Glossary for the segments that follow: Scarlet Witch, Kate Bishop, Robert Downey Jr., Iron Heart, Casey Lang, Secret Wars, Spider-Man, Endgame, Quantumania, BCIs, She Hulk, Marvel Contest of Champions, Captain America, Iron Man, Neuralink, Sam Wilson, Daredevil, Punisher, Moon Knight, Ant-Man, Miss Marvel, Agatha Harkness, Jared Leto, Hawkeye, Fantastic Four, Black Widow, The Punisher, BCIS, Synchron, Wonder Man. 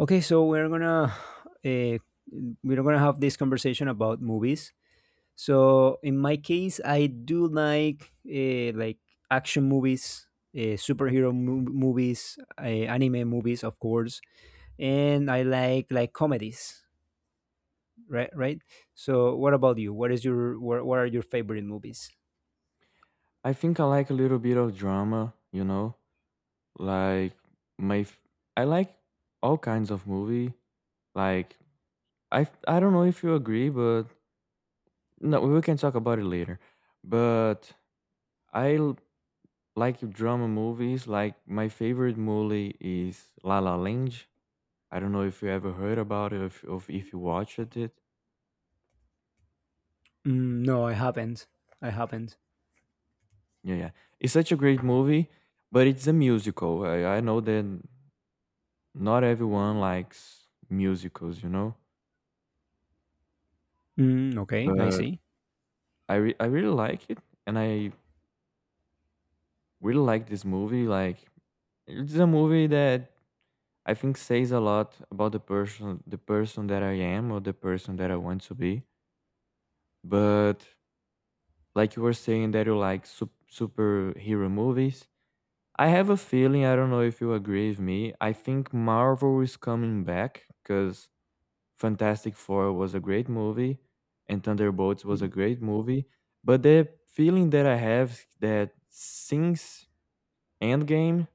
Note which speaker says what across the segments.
Speaker 1: Okay, so we're gonna uh, we're gonna have this conversation about movies. So in my case, I do like action movies, movies, anime movies, of course, and I like comedies. Right, right. So what about you? What are your favorite movies?
Speaker 2: I think I like a little bit of drama, you know? Like my f- I like all kinds of movie. Like I don't know if you agree, but no, we can talk about it later. But I l- like drama movies. Like my favorite movie is La La Land. I don't know if you ever heard about it, if you watched it.
Speaker 1: Mm, no, I haven't. I haven't.
Speaker 2: Yeah, yeah. It's such a great movie, but it's a musical. I know that not everyone likes musicals, you know?
Speaker 1: Mm, okay, I
Speaker 2: But
Speaker 1: see.
Speaker 2: I re- I really like it, and I really like this movie. Like it's a movie that I think says a lot about the person that I am or the person that I want to be. But like you were saying that you like superhero movies, I have a feeling, I don't know if you agree with me. I think Marvel is coming back because Fantastic Four was a great movie, and Thunderbolts was a great movie. But the feeling that I have is that since Endgame,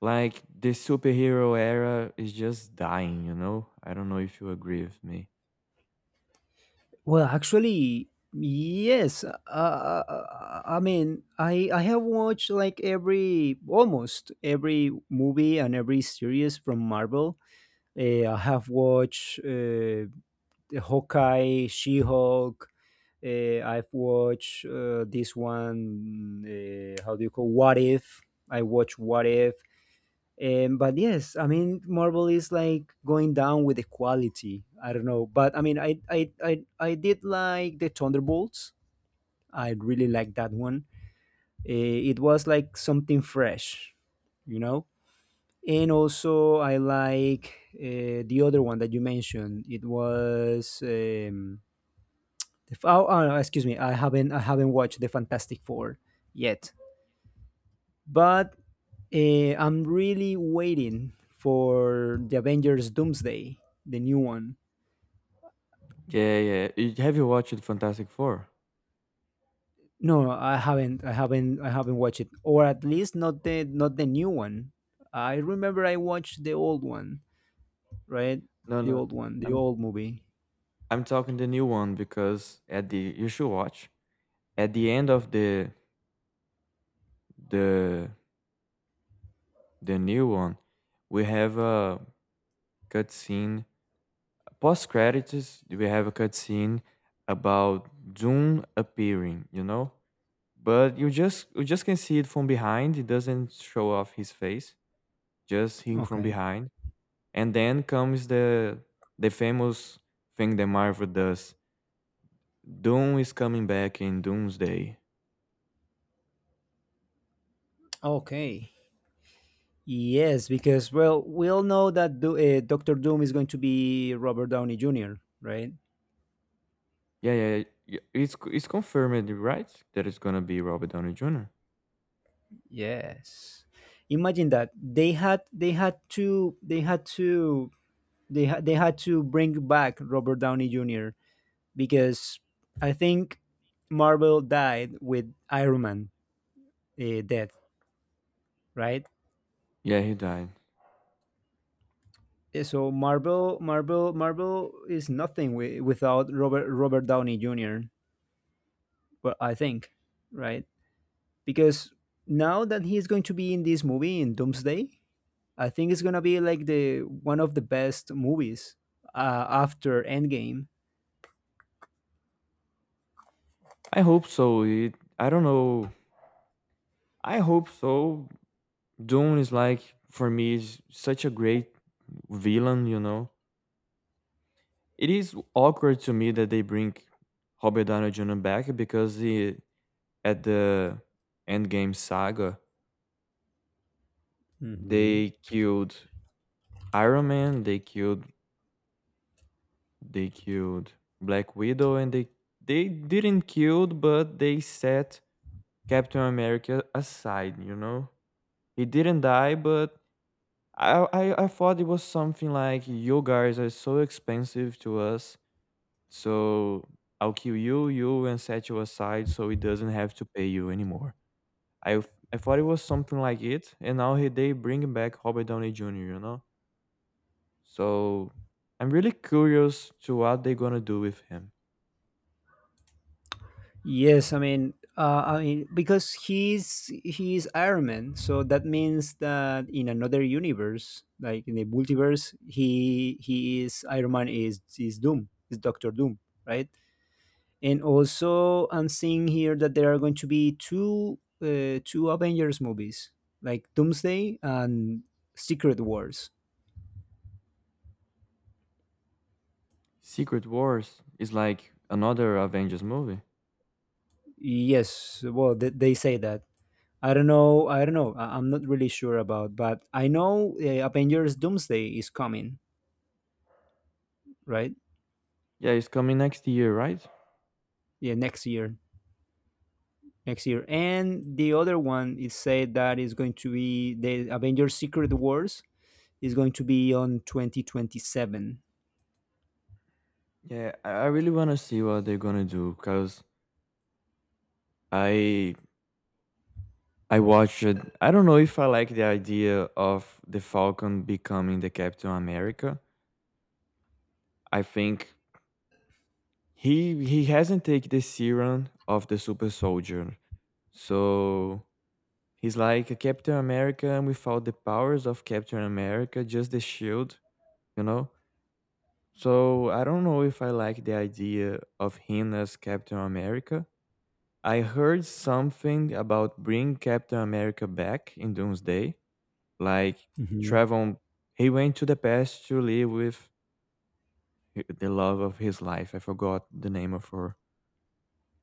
Speaker 2: like the superhero era is just dying, you know? I don't know if you agree with me.
Speaker 1: Well, actually, yes. I mean, I have watched like every almost every movie and every series from Marvel. I have watched the Hawkeye, She-Hulk. I've watched this one. How do you call What If? I watched What If. But yes, I mean, Marvel is like going down with the quality. I don't know, but I mean, I did like the Thunderbolts. I really liked that one. It was like something fresh, you know. And also, I like the other one that you mentioned. It was oh, excuse me, I haven't watched the Fantastic Four yet. But I'm really waiting for the Avengers Doomsday, the new one.
Speaker 2: Yeah, yeah. Have you watched Fantastic Four?
Speaker 1: No, no, I haven't. I haven't. I haven't watched it, or at least not the new one. I remember I watched the old one, right?
Speaker 2: No,
Speaker 1: The
Speaker 2: no.
Speaker 1: old one, the
Speaker 2: I'm
Speaker 1: old movie.
Speaker 2: I'm talking the new one because at the you should watch. At the end of the the new one, we have a cutscene post credits. We have a cutscene about Doom appearing, you know. But you just can see it from behind. It doesn't show off his face, just him from
Speaker 1: Okay.
Speaker 2: behind. And then comes the famous thing that Marvel does. Doom is coming back in Doomsday.
Speaker 1: Okay. Yes, because well, we all know that Doctor Doom is going to be Robert Downey Jr., right?
Speaker 2: Yeah, yeah, yeah, yeah. It's confirmed, right? That it's gonna be Robert Downey Jr.
Speaker 1: Yes. Imagine that they had to they had to they ha- they had to bring back Robert Downey Jr. because I think Marvel died with Iron Man death, right?
Speaker 2: Yeah, he died.
Speaker 1: So Marvel is nothing without Robert Downey Jr. Well, I think, right? Because now that he's going to be in this movie in Doomsday, I think it's gonna be like the one of the best movies after Endgame.
Speaker 2: I hope so. It, I don't know. I hope so. Doom is like for me is such a great villain. You know, it is awkward to me that they bring Robert Downey Jr. back because he at the Endgame saga they killed Iron Man, they killed Black Widow, and they didn't killed but they set Captain America aside, you know? He didn't die but I thought it was something like you guys are so expensive to us, so I'll kill you, you and set you aside so he doesn't have to pay you anymore. I I thought it was something like it, and now he, they bring back Robert Downey Jr. You know, so I'm really curious to what they're gonna do with him.
Speaker 1: Yes, I mean because he's Iron Man, so that means that in another universe, like in the multiverse, he is Iron Man is Doom, is Doctor Doom, right? And also, I'm seeing here that there are going to be two Avengers movies, like Doomsday and Secret Wars.
Speaker 2: Secret Wars is like another Avengers movie.
Speaker 1: Yes, well, they say that. I don't know. I don't know. I'm not really sure about, but I know Avengers Doomsday is coming, right?
Speaker 2: Yeah, it's coming next year, right?
Speaker 1: Yeah, next year. Next year. And the other one is said that is going to be the Avengers Secret Wars is going to be on 2027.
Speaker 2: Yeah, I really wanna see what they're gonna do because I I watched it. I don't know if I like the idea of the Falcon becoming the Captain America. I think he hasn't taken the serum of the super soldier. So he's like a Captain America without the powers of Captain America, just the shield, you know? So I don't know if I like the idea of him as Captain America. I heard something about bring Captain America back in Doomsday, like
Speaker 1: Hmm.
Speaker 2: travel. He went to the past to live with the love of his life. I forgot the name of her.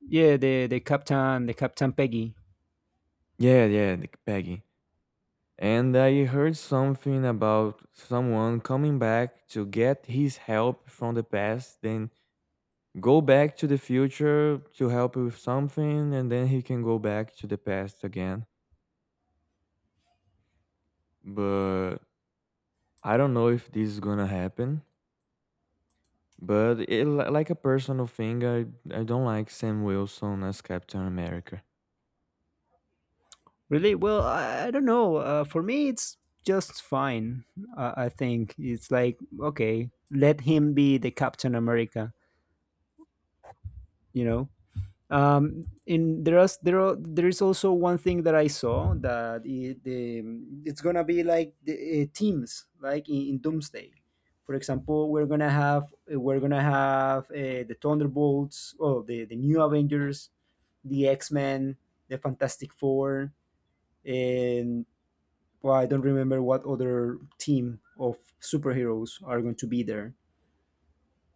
Speaker 1: Yeah, the Captain Peggy.
Speaker 2: Yeah, yeah, the Peggy. And I heard something about someone coming back to get his help from the past, then go back to the future to help with something, and then he can go back to the past again. But I don't know if this is gonna happen. But like a personal thing, I don't like Sam Wilson as Captain America.
Speaker 1: Really? Well, I don't know. For me, it's just fine. I think it's like okay, let him be the Captain America. You know. In there is there are, There is also one thing that I saw that it's gonna be like the teams, like in Doomsday. For example, we're gonna have the Thunderbolts, oh, the new Avengers, the X Men, the Fantastic Four, and well, I don't remember what other team of superheroes are going to be there.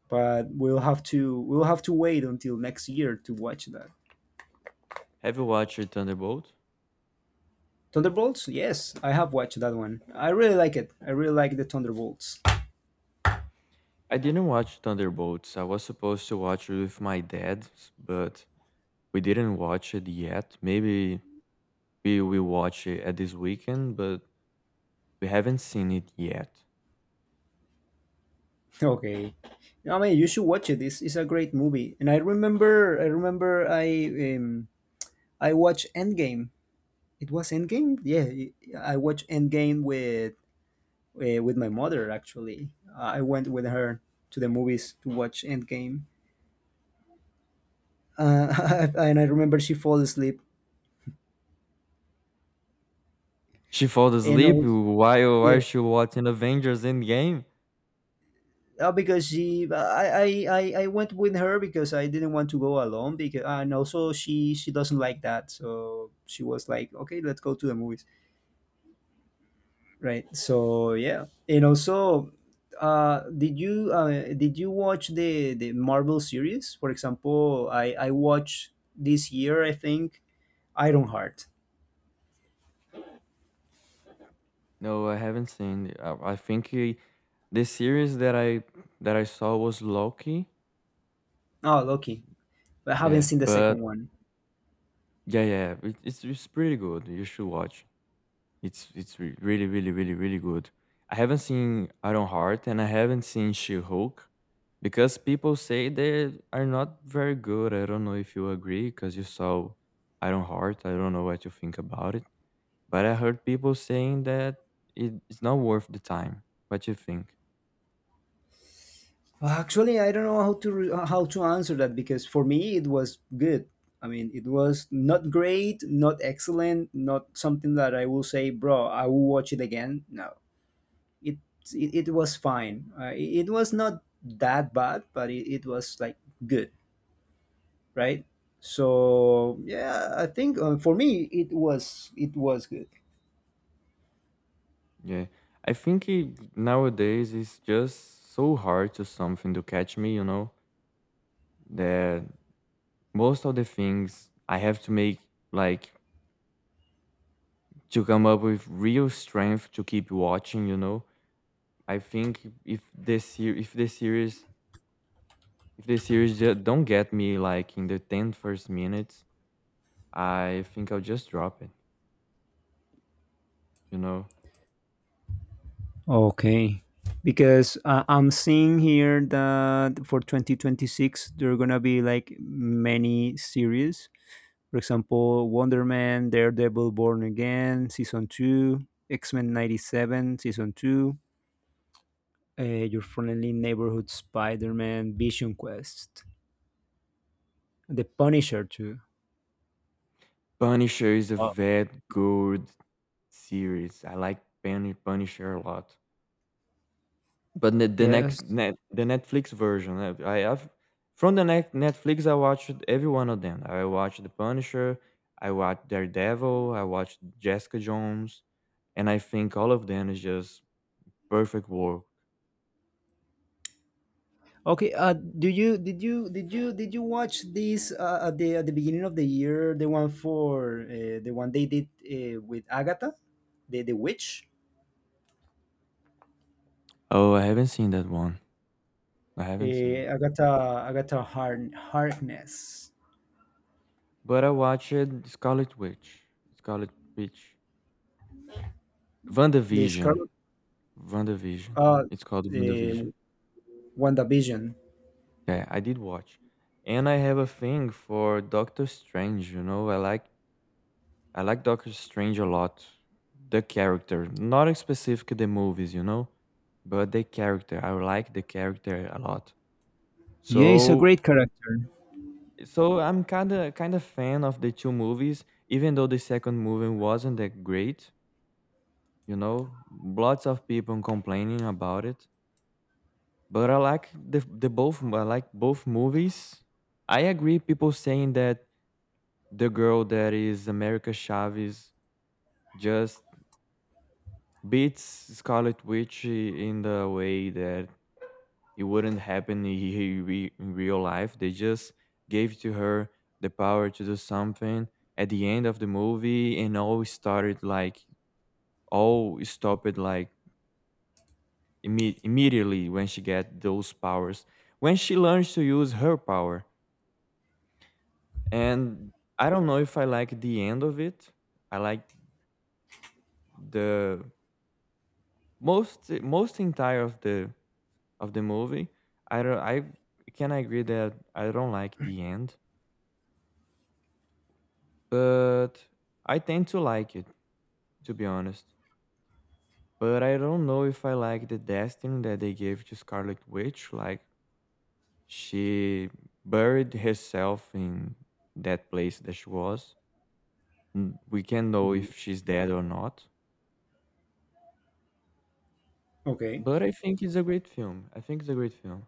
Speaker 1: But we'll have to wait until next year to watch that.
Speaker 2: Have you watched Thunderbolt?
Speaker 1: Thunderbolts? Yes, I have watched that one. I really like it. I really like the Thunderbolts.
Speaker 2: I didn't watch Thunderbolts. I was supposed to watch it with my dad, but we didn't watch it yet. Maybe we will watch it at this weekend, but we haven't seen it yet.
Speaker 1: Okay. I mean, you should watch it. It's a great movie. And I remember, I remember, I watched Endgame. It was Endgame. Yeah, I watched Endgame with my mother. Actually, I went with her to the movies to watch Endgame. And I remember she fall asleep.
Speaker 2: She fell
Speaker 1: And
Speaker 2: asleep
Speaker 1: also,
Speaker 2: while
Speaker 1: yeah,
Speaker 2: she watching Avengers Endgame.
Speaker 1: Because she, I went with her because I didn't want to go alone. Because and also she doesn't like that, so she was like, "Okay, let's go to the movies." Right. So yeah, and also, did you watch the Marvel series? For example, I watched this year, I think, Ironheart.
Speaker 2: No, I haven't seen. It. The series that I saw was Loki.
Speaker 1: Oh, lucky! I haven't
Speaker 2: Yeah,
Speaker 1: seen the
Speaker 2: but
Speaker 1: second one.
Speaker 2: yeah, yeah, it's pretty good. You should watch. It's really, really, really, really good. I haven't seen Iron Heart and I haven't seen She-Hulk because people say they are not very good. I don't know if you agree because you saw Iron Heart. I don't know what you think about it, but I heard people saying that it's not worth the time. What you think?
Speaker 1: Well, actually, I don't know how to answer that because for me it was good. I mean, it was not great, not excellent, not something that I will say, bro, I will watch it again. No, it it was fine. It was not that bad, but it was like good, right? So yeah, I think for me it was good.
Speaker 2: Yeah, I think it, nowadays it's just so hard to something to catch me. You know that most of the things I have to make like to come up with real strength to keep watching. You know, I think if if the series if the series don't get me like in the 10 first minutes, I think I'll just drop it. You know,
Speaker 1: Okay. Because I'm seeing here that for 2026, there are going to be like many series. For example, Wonder Man, Daredevil Born Again, Season 2, X Men 97, Season 2, Your Friendly Neighborhood Spider Man, Vision Quest, The Punisher too.
Speaker 2: Punisher is a
Speaker 1: Oh.
Speaker 2: very good series. I like Punisher a lot. But
Speaker 1: Yes.
Speaker 2: the Netflix version, I have from the net Netflix, I watched every one of them. I watched The Punisher, I watched Daredevil, I watched Jessica Jones, and I think all of them is just perfect work.
Speaker 1: Okay. Do you did you did you Did you watch this at the beginning of the year? The one for the one they did with Agatha, the witch,
Speaker 2: Oh, I haven't seen that one. I haven't seen,
Speaker 1: Agatha Agatha Harn Harkness,
Speaker 2: but I watched Scarlet Witch. Scarlet Witch.
Speaker 1: the
Speaker 2: WandaVision.
Speaker 1: Scarlet,
Speaker 2: WandaVision.
Speaker 1: uh,
Speaker 2: It's called
Speaker 1: uh,
Speaker 2: WandaVision.
Speaker 1: WandaVision.
Speaker 2: Yeah, I did watch. And I have a thing for Doctor Strange, you know. I like Doctor Strange a lot. The character, not specifically the movies, you know, but the character. I like the character a lot.
Speaker 1: Yeah, it's a
Speaker 2: So,
Speaker 1: great character.
Speaker 2: so I'm kind of fan of the two movies, even though the second movie wasn't that great. You know, lots of people complaining about it, but I like the both. I like both movies. I agree. People saying that the girl that is America Chavez just beats Scarlet Witch in the way that it wouldn't happen in real life. They just gave to her the power to do something at the end of the movie, and all started like all stopped like immediately when she got those powers when she learns to use her power. And I don't know if I like the end of it. I like the most entire of the movie. I don't, I can agree that I don't like the end, but I tend to like it to be honest. But I don't know if I like the destiny that they gave to Scarlet Witch. Like she buried herself in that place that she was. We can't know
Speaker 1: Mhm.
Speaker 2: if she's dead or not.
Speaker 1: Okay.
Speaker 2: But I think it's a great film. I think it's a great film.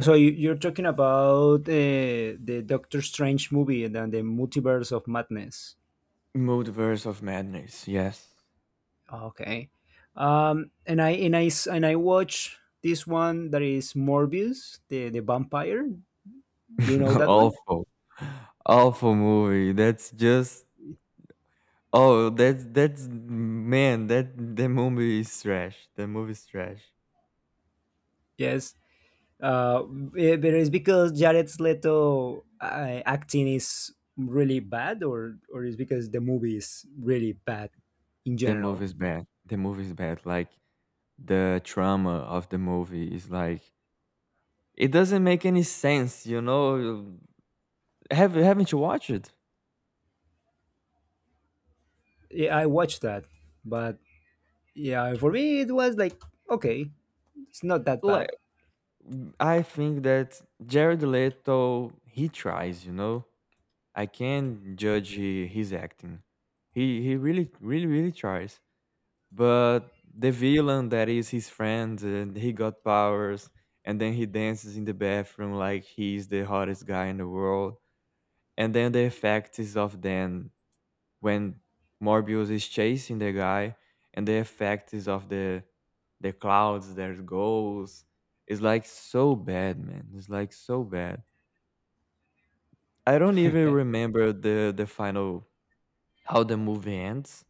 Speaker 1: So you, you're talking about the Doctor Strange movie and then the Multiverse of Madness.
Speaker 2: Multiverse of Madness, yes.
Speaker 1: Okay. And I s- and I watch this one that is Morbius, the vampire. Do you know that one?
Speaker 2: Awful. Awful movie. That's just oh, that's man, that the movie is trash. The movie is trash.
Speaker 1: Yes. Uh, but it's because Jared Leto acting is really bad, or is because the movie is really bad in
Speaker 2: The
Speaker 1: general.
Speaker 2: movie is bad. The movie is bad. Like the trauma of the movie is like it doesn't make any sense, you know. Have haven't you watched it?
Speaker 1: Yeah, I watched that, but yeah, for me it was like okay, it's not that bad.
Speaker 2: Like I think that Jared Leto he tries, you know. I can't judge he, his acting. He really really really tries. But the villain that is his friend, and he got powers, and then he dances in the bathroom like he's the hottest guy in the world. And then the effect is of then when Morbius is chasing the guy, and the effect is of the clouds, there's goals. It's like so bad, man. It's like so bad. I don't even remember the final how the movie ends.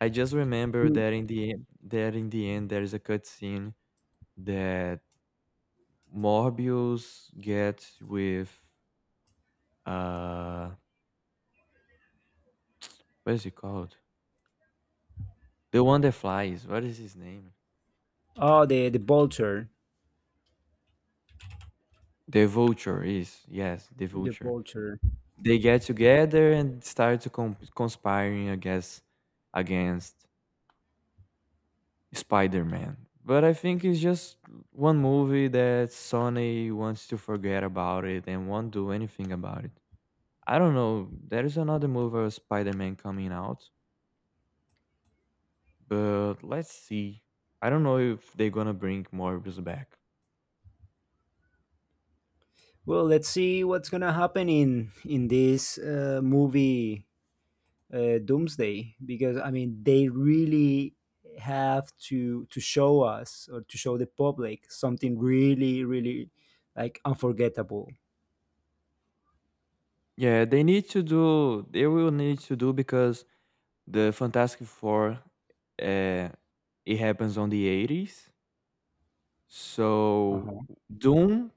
Speaker 2: I just remember that in the end, there is a cutscene that Morbius gets with uh what is it called? The one that flies. What is his name?
Speaker 1: Oh, the vulture,
Speaker 2: The vulture is yes, the
Speaker 1: the
Speaker 2: vulture.
Speaker 1: vulture.
Speaker 2: They get together and start to conspiring against Spider-Man. But I think it's just one movie that Sony wants to forget about it and won't do anything about it. I don't know. There is another movie of Spider-Man coming out but let's see. I don't know if they're gonna bring Morbius back.
Speaker 1: Well, let's see what's gonna happen in this movie Doomsday because I mean they really have to show us or to show the public something really really like unforgettable.
Speaker 2: Yeah, they need to do. They will need to do because the Fantastic Four, uh, it happens on the 80s. So
Speaker 1: Uh-huh.
Speaker 2: Doom,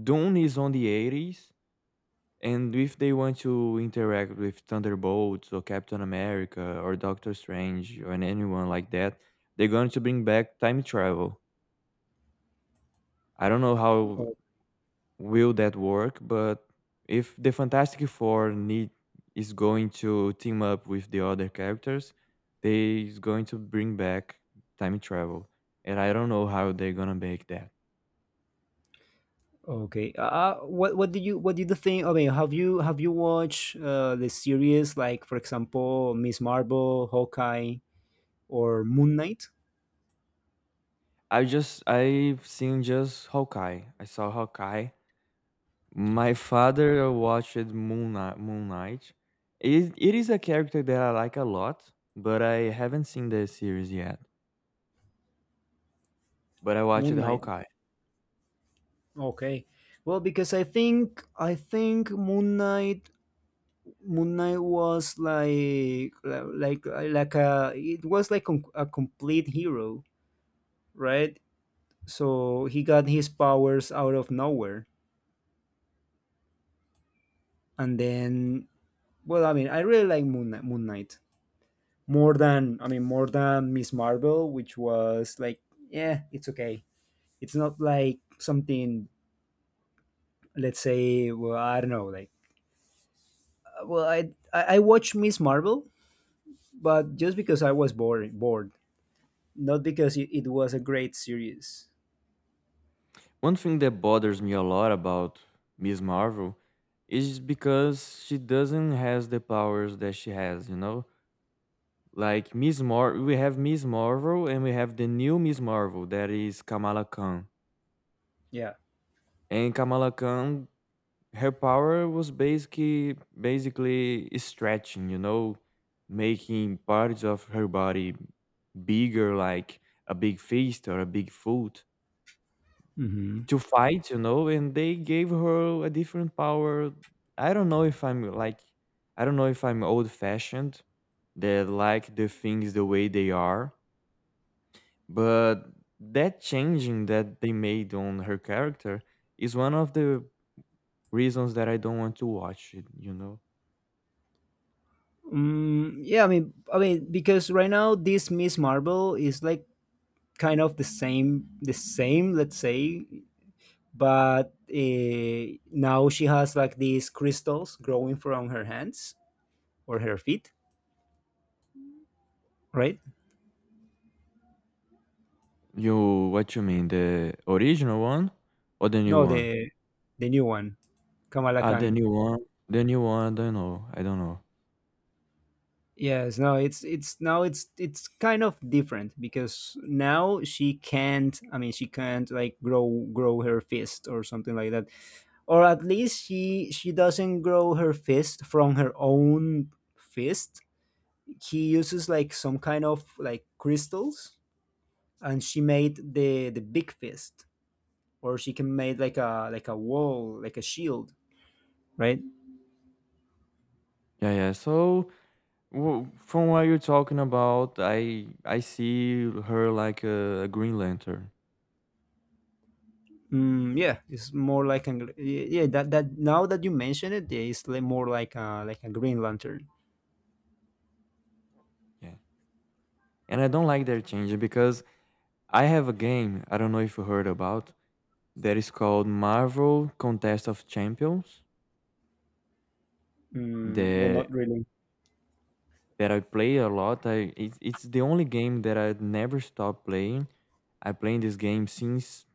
Speaker 2: Doom is on the 80s, and if they want to interact with Thunderbolts or Captain America or Doctor Strange or anyone like that, they're going to bring back time travel. I don't know how
Speaker 1: O-
Speaker 2: will that work? But if the Fantastic Four need is going to team up with the other characters, they is going to bring back time travel, and I don't know how they're gonna make that.
Speaker 1: Okay. What did you think? I mean, have you watched the series like for example Miss Marvel, Hawkeye, or Moon Knight?
Speaker 2: I've seen just Hawkeye. I saw Hawkeye. My father watched Moon Knight. Moon Knight. It is a character that I like a lot, but I haven't seen the series yet. But I watched
Speaker 1: Moon Knight.
Speaker 2: Hawkeye.
Speaker 1: Okay. Well, because I think Moon Knight was like a it was like a complete hero, right? So he got his powers out of nowhere, and then well, I mean, I really like Moon Knight more than I mean more than Miss Marvel, which was like yeah, it's okay. It's not like something let's say well I don't know like well I watched Miss Marvel but just because I was bored, not because it was a great series.
Speaker 2: One thing that bothers me a lot about Miss Marvel is because she doesn't has the powers that she has, you know? Like Miss Mar we have Miss Marvel and we have the new Miss Marvel that is Kamala Khan.
Speaker 1: Yeah.
Speaker 2: And Kamala Khan her power was basically stretching, you know, making parts of her body bigger like a big fist or a big foot
Speaker 1: Hmm.
Speaker 2: to fight, you know, and they gave her a different power. I don't know if I'm like I don't know if I'm old fashioned, that like the things the way they are, but that changing that they made on her character is one of the reasons that I don't want to watch it, you know.
Speaker 1: Mm, yeah, I mean, because right now this Miss Marvel is like kind of the same, let's say, but now she has like these crystals growing from her hands or her feet, right?
Speaker 2: You what you mean, the original one or the new
Speaker 1: No,
Speaker 2: one?
Speaker 1: the new one, Kamala
Speaker 2: Ah, the
Speaker 1: Khan.
Speaker 2: new one. The new one, I don't know. I don't know.
Speaker 1: Yes, no, it's now it's kind of different because now she can't like grow her fist or something like that. Or at least she doesn't grow her fist from her own fist. He uses like some kind of like crystals and she made the big fist or she can make like a wall, like a shield, right?
Speaker 2: Yeah, yeah. So well, from what you're talking about, I see her like a Green Lantern.
Speaker 1: Mm, yeah, it's more like an yeah, that that now that you mention it, yeah, more like a Green Lantern.
Speaker 2: Yeah. And I don't like their change because I have a game, I don't know if you heard about, that is called Marvel Contest of Champions
Speaker 1: Mm, well,
Speaker 2: that
Speaker 1: not really.
Speaker 2: that I play a lot. I It's the only game that I never stop playing. I playing this game since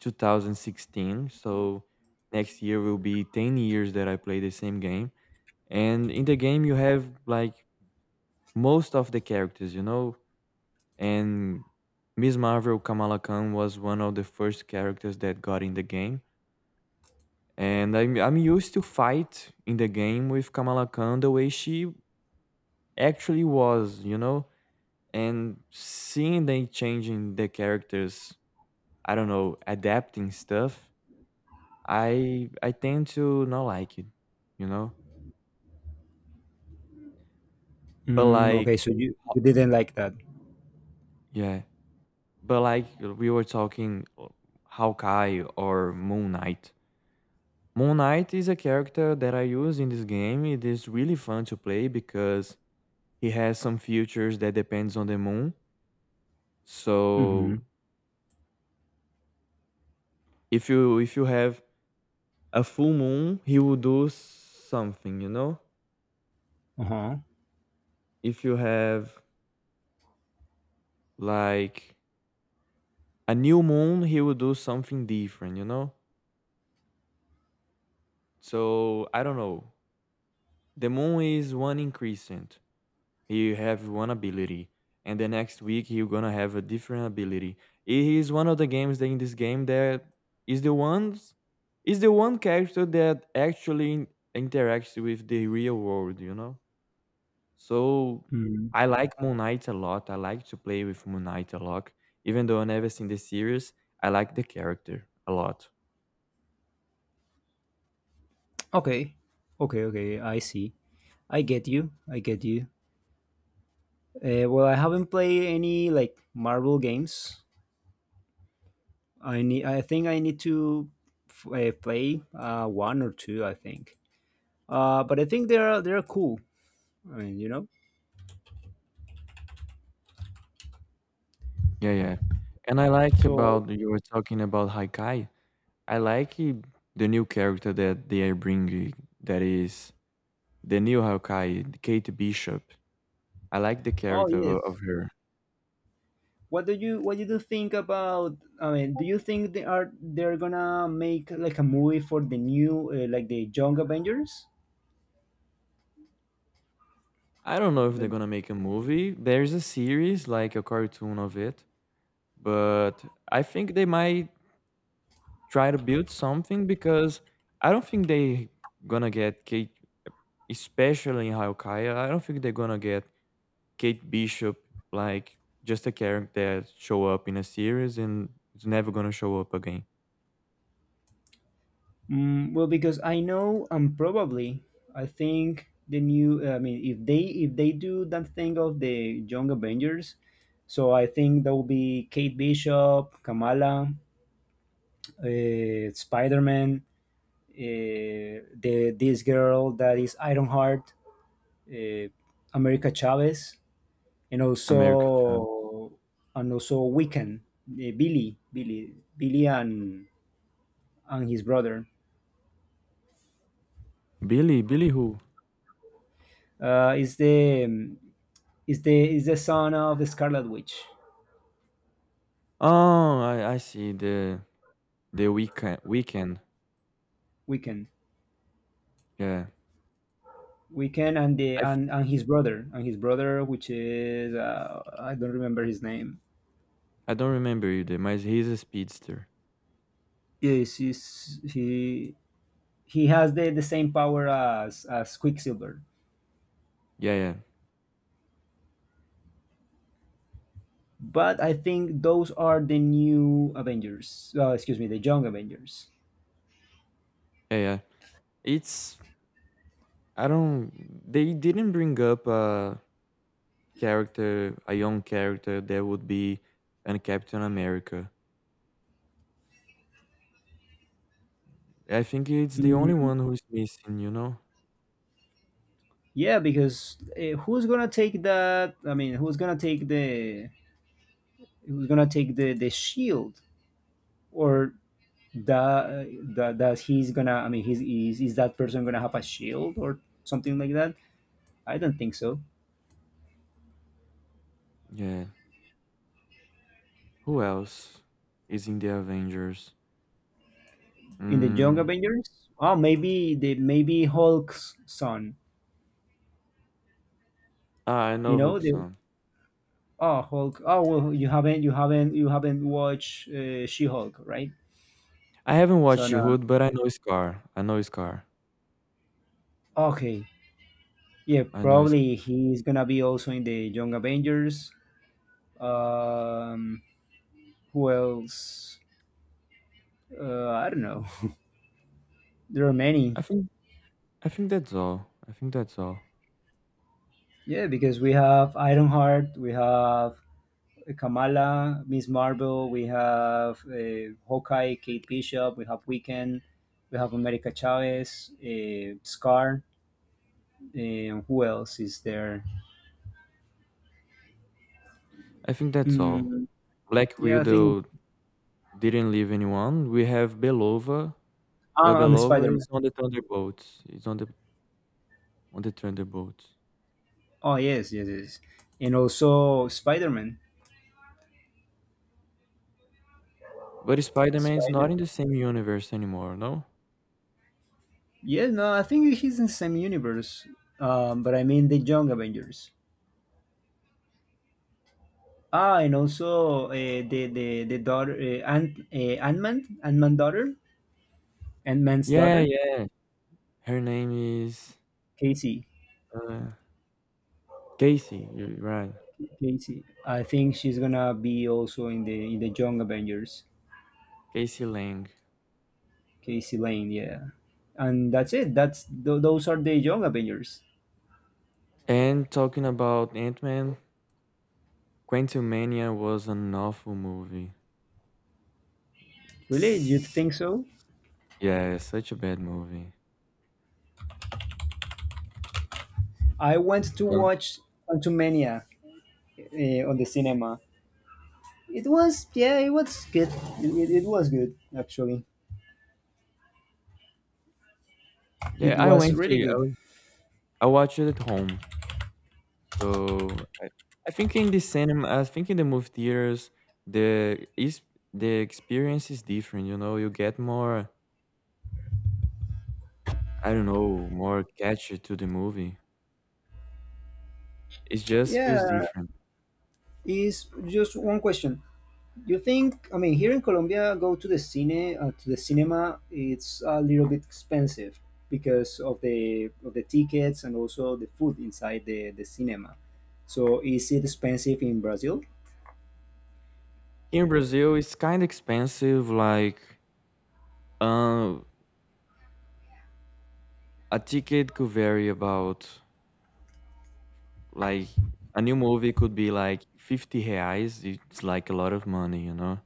Speaker 2: 2016, so next year will be 10 years that I play the same game. And in the game you have like most of the characters, you know? And Ms. Marvel Kamala Khan was one of the first characters that got in the game. And I'm used to fight in the game with Kamala Khan the way she actually was, you know? And seeing they changing the characters, I don't know, adapting stuff, I tend to not like it, you know? But
Speaker 1: Mm, okay,
Speaker 2: like,
Speaker 1: so you didn't like that.
Speaker 2: yeah, but like we were talking Hawkeye or Moon Knight. Moon Knight is a character that I use in this game. It is really fun to play because he has some features that depends on the moon.
Speaker 1: Mm-hmm.
Speaker 2: So if you have a full moon, he will do something, you know?
Speaker 1: Uh-huh.
Speaker 2: If you have like a new moon, he will do something different, you know? So I don't know. The moon is one increscent. He have one ability, and the next week he's gonna have a different ability. He is one of the games that in this game that is the ones is the one character that actually interacts with the real world, you know? So
Speaker 1: Mm.
Speaker 2: I like Moon Knight a lot. I like to play with Moon Knight a lot. Even though I never seen the series, I like the character a lot.
Speaker 1: Okay. Okay. Okay. I see. I get you. I get you. Well, I haven't played any like Marvel games. I need. I think I need to play one or two. I think. But I think they're cool. I mean, you know.
Speaker 2: Yeah, yeah. And I like
Speaker 1: So.
Speaker 2: about you were talking about Haikai. I like i- the new character that they are bringing that is the new Hawkeye, Kate Bishop. I like the
Speaker 1: Oh
Speaker 2: character
Speaker 1: yes.
Speaker 2: of her.
Speaker 1: What do you think about? I mean, do you think they're gonna make like a movie for the new like the Young Avengers?
Speaker 2: I don't know if they're
Speaker 1: The
Speaker 2: gonna make a movie. There's a series, like a cartoon of it, but I think they might try to build something because I don't think they gonna get Kate, especially in Hawkeye. I don't think they're gonna get Kate Bishop like just a character that show up in a series and it's never gonna show up again.
Speaker 1: Mm, well, because I know and probably I think the new. I mean, if they do that thing of the Young Avengers, so I think there will be Kate Bishop, Kamala, Spider Man, the this girl that is Ironheart, uh, America Chavez, and
Speaker 2: America Child.
Speaker 1: also and also Weekend, Billy, and his brother
Speaker 2: Billy, Billy who?
Speaker 1: uh, is the um, is the son of the Scarlet Witch.
Speaker 2: Oh, I see the weekend, weekend,
Speaker 1: Weekend,
Speaker 2: yeah.
Speaker 1: Weekend, and
Speaker 2: I f
Speaker 1: and his brother which is I don't remember his name.
Speaker 2: I don't remember either, mas he's a speedster.
Speaker 1: Yes, he has the same power as Quicksilver.
Speaker 2: Yeah, yeah.
Speaker 1: But I think those are the new Avengers. Excuse me, the young Avengers.
Speaker 2: Yeah, yeah. It's I don't, they didn't bring up a character, a young character that would be an Captain America. I think it's the only
Speaker 1: Mm,
Speaker 2: one who is missing, you know?
Speaker 1: yeah, because who's gonna take that? I mean, who's gonna take the shield or that that he's gonna? I mean, is that person gonna have a shield or something like that? I don't think so.
Speaker 2: Yeah. Who else is in the Avengers?
Speaker 1: In the Young
Speaker 2: Mm.
Speaker 1: Avengers, oh maybe the maybe Hulk's son.
Speaker 2: Ah, I
Speaker 1: You
Speaker 2: know
Speaker 1: know the
Speaker 2: Hookson.
Speaker 1: oh Hulk. Oh well, you haven't watched She Hulk, right?
Speaker 2: I haven't
Speaker 1: So
Speaker 2: watched
Speaker 1: no.
Speaker 2: Hood, but I know Scar. I know Scar.
Speaker 1: Okay. Yeah,
Speaker 2: I know Scar.
Speaker 1: probably he's gonna be also in the Young Avengers. Um, who else? I don't know. There are many.
Speaker 2: I think I think that's all. I think that's all.
Speaker 1: Yeah, because we have Ironheart, we have Kamala, Miss Marvel, we have Hawkeye, Kate Bishop, we have Weekend, we have America Chavez, Scar, and who else is there?
Speaker 2: I think that's all.
Speaker 1: Mm,
Speaker 2: Black
Speaker 1: yeah, I think
Speaker 2: Widow didn't leave anyone. We have Belova, but
Speaker 1: I'm Spider
Speaker 2: Belova
Speaker 1: Man.
Speaker 2: is on the Thunderbolts. It's on the Thunderbolts.
Speaker 1: Oh yes, yes, yes, and also Spider Man.
Speaker 2: But Spider-Man is not
Speaker 1: Spider
Speaker 2: in the same universe anymore, no?
Speaker 1: Yeah, no, I think he's in the same universe. But I mean the Young Avengers. Ah, and also the daughter Ant Man daughter. Ant Man's
Speaker 2: Yeah,
Speaker 1: daughter.
Speaker 2: yeah. Her name is
Speaker 1: Casey.
Speaker 2: uh, Casey. You're right,
Speaker 1: Casey. I think she's gonna be also in the Young Avengers.
Speaker 2: Casey Lang.
Speaker 1: Casey Lane, yeah. And that's it. Those are the Young Avengers.
Speaker 2: And talking about Ant-Man, Quantumania was an awful movie.
Speaker 1: Really, you
Speaker 2: S-
Speaker 1: think so?
Speaker 2: Yeah, such a bad movie.
Speaker 1: I went to
Speaker 2: Um,
Speaker 1: watch Quantumania on the cinema. It was, yeah, it was good. It was good, actually.
Speaker 2: yeah,
Speaker 1: It
Speaker 2: I
Speaker 1: was
Speaker 2: went
Speaker 1: really good.
Speaker 2: to I watched it at home. So I think in the cinema, I think in the movie theaters, the is the experience is different. You know, you get more, I don't know, more catchy to the movie. It just
Speaker 1: Yeah,
Speaker 2: feels different.
Speaker 1: is just one question. You think, I mean, here in Colombia, go to the cine, to the cinema, it's a little bit expensive because of the tickets and also the food inside the cinema. So is it expensive in Brazil?
Speaker 2: Here in Brazil, it's kind of expensive. Like, um, a ticket could vary about like a new movie could be like 50 reais. It's like a lot of money, you know.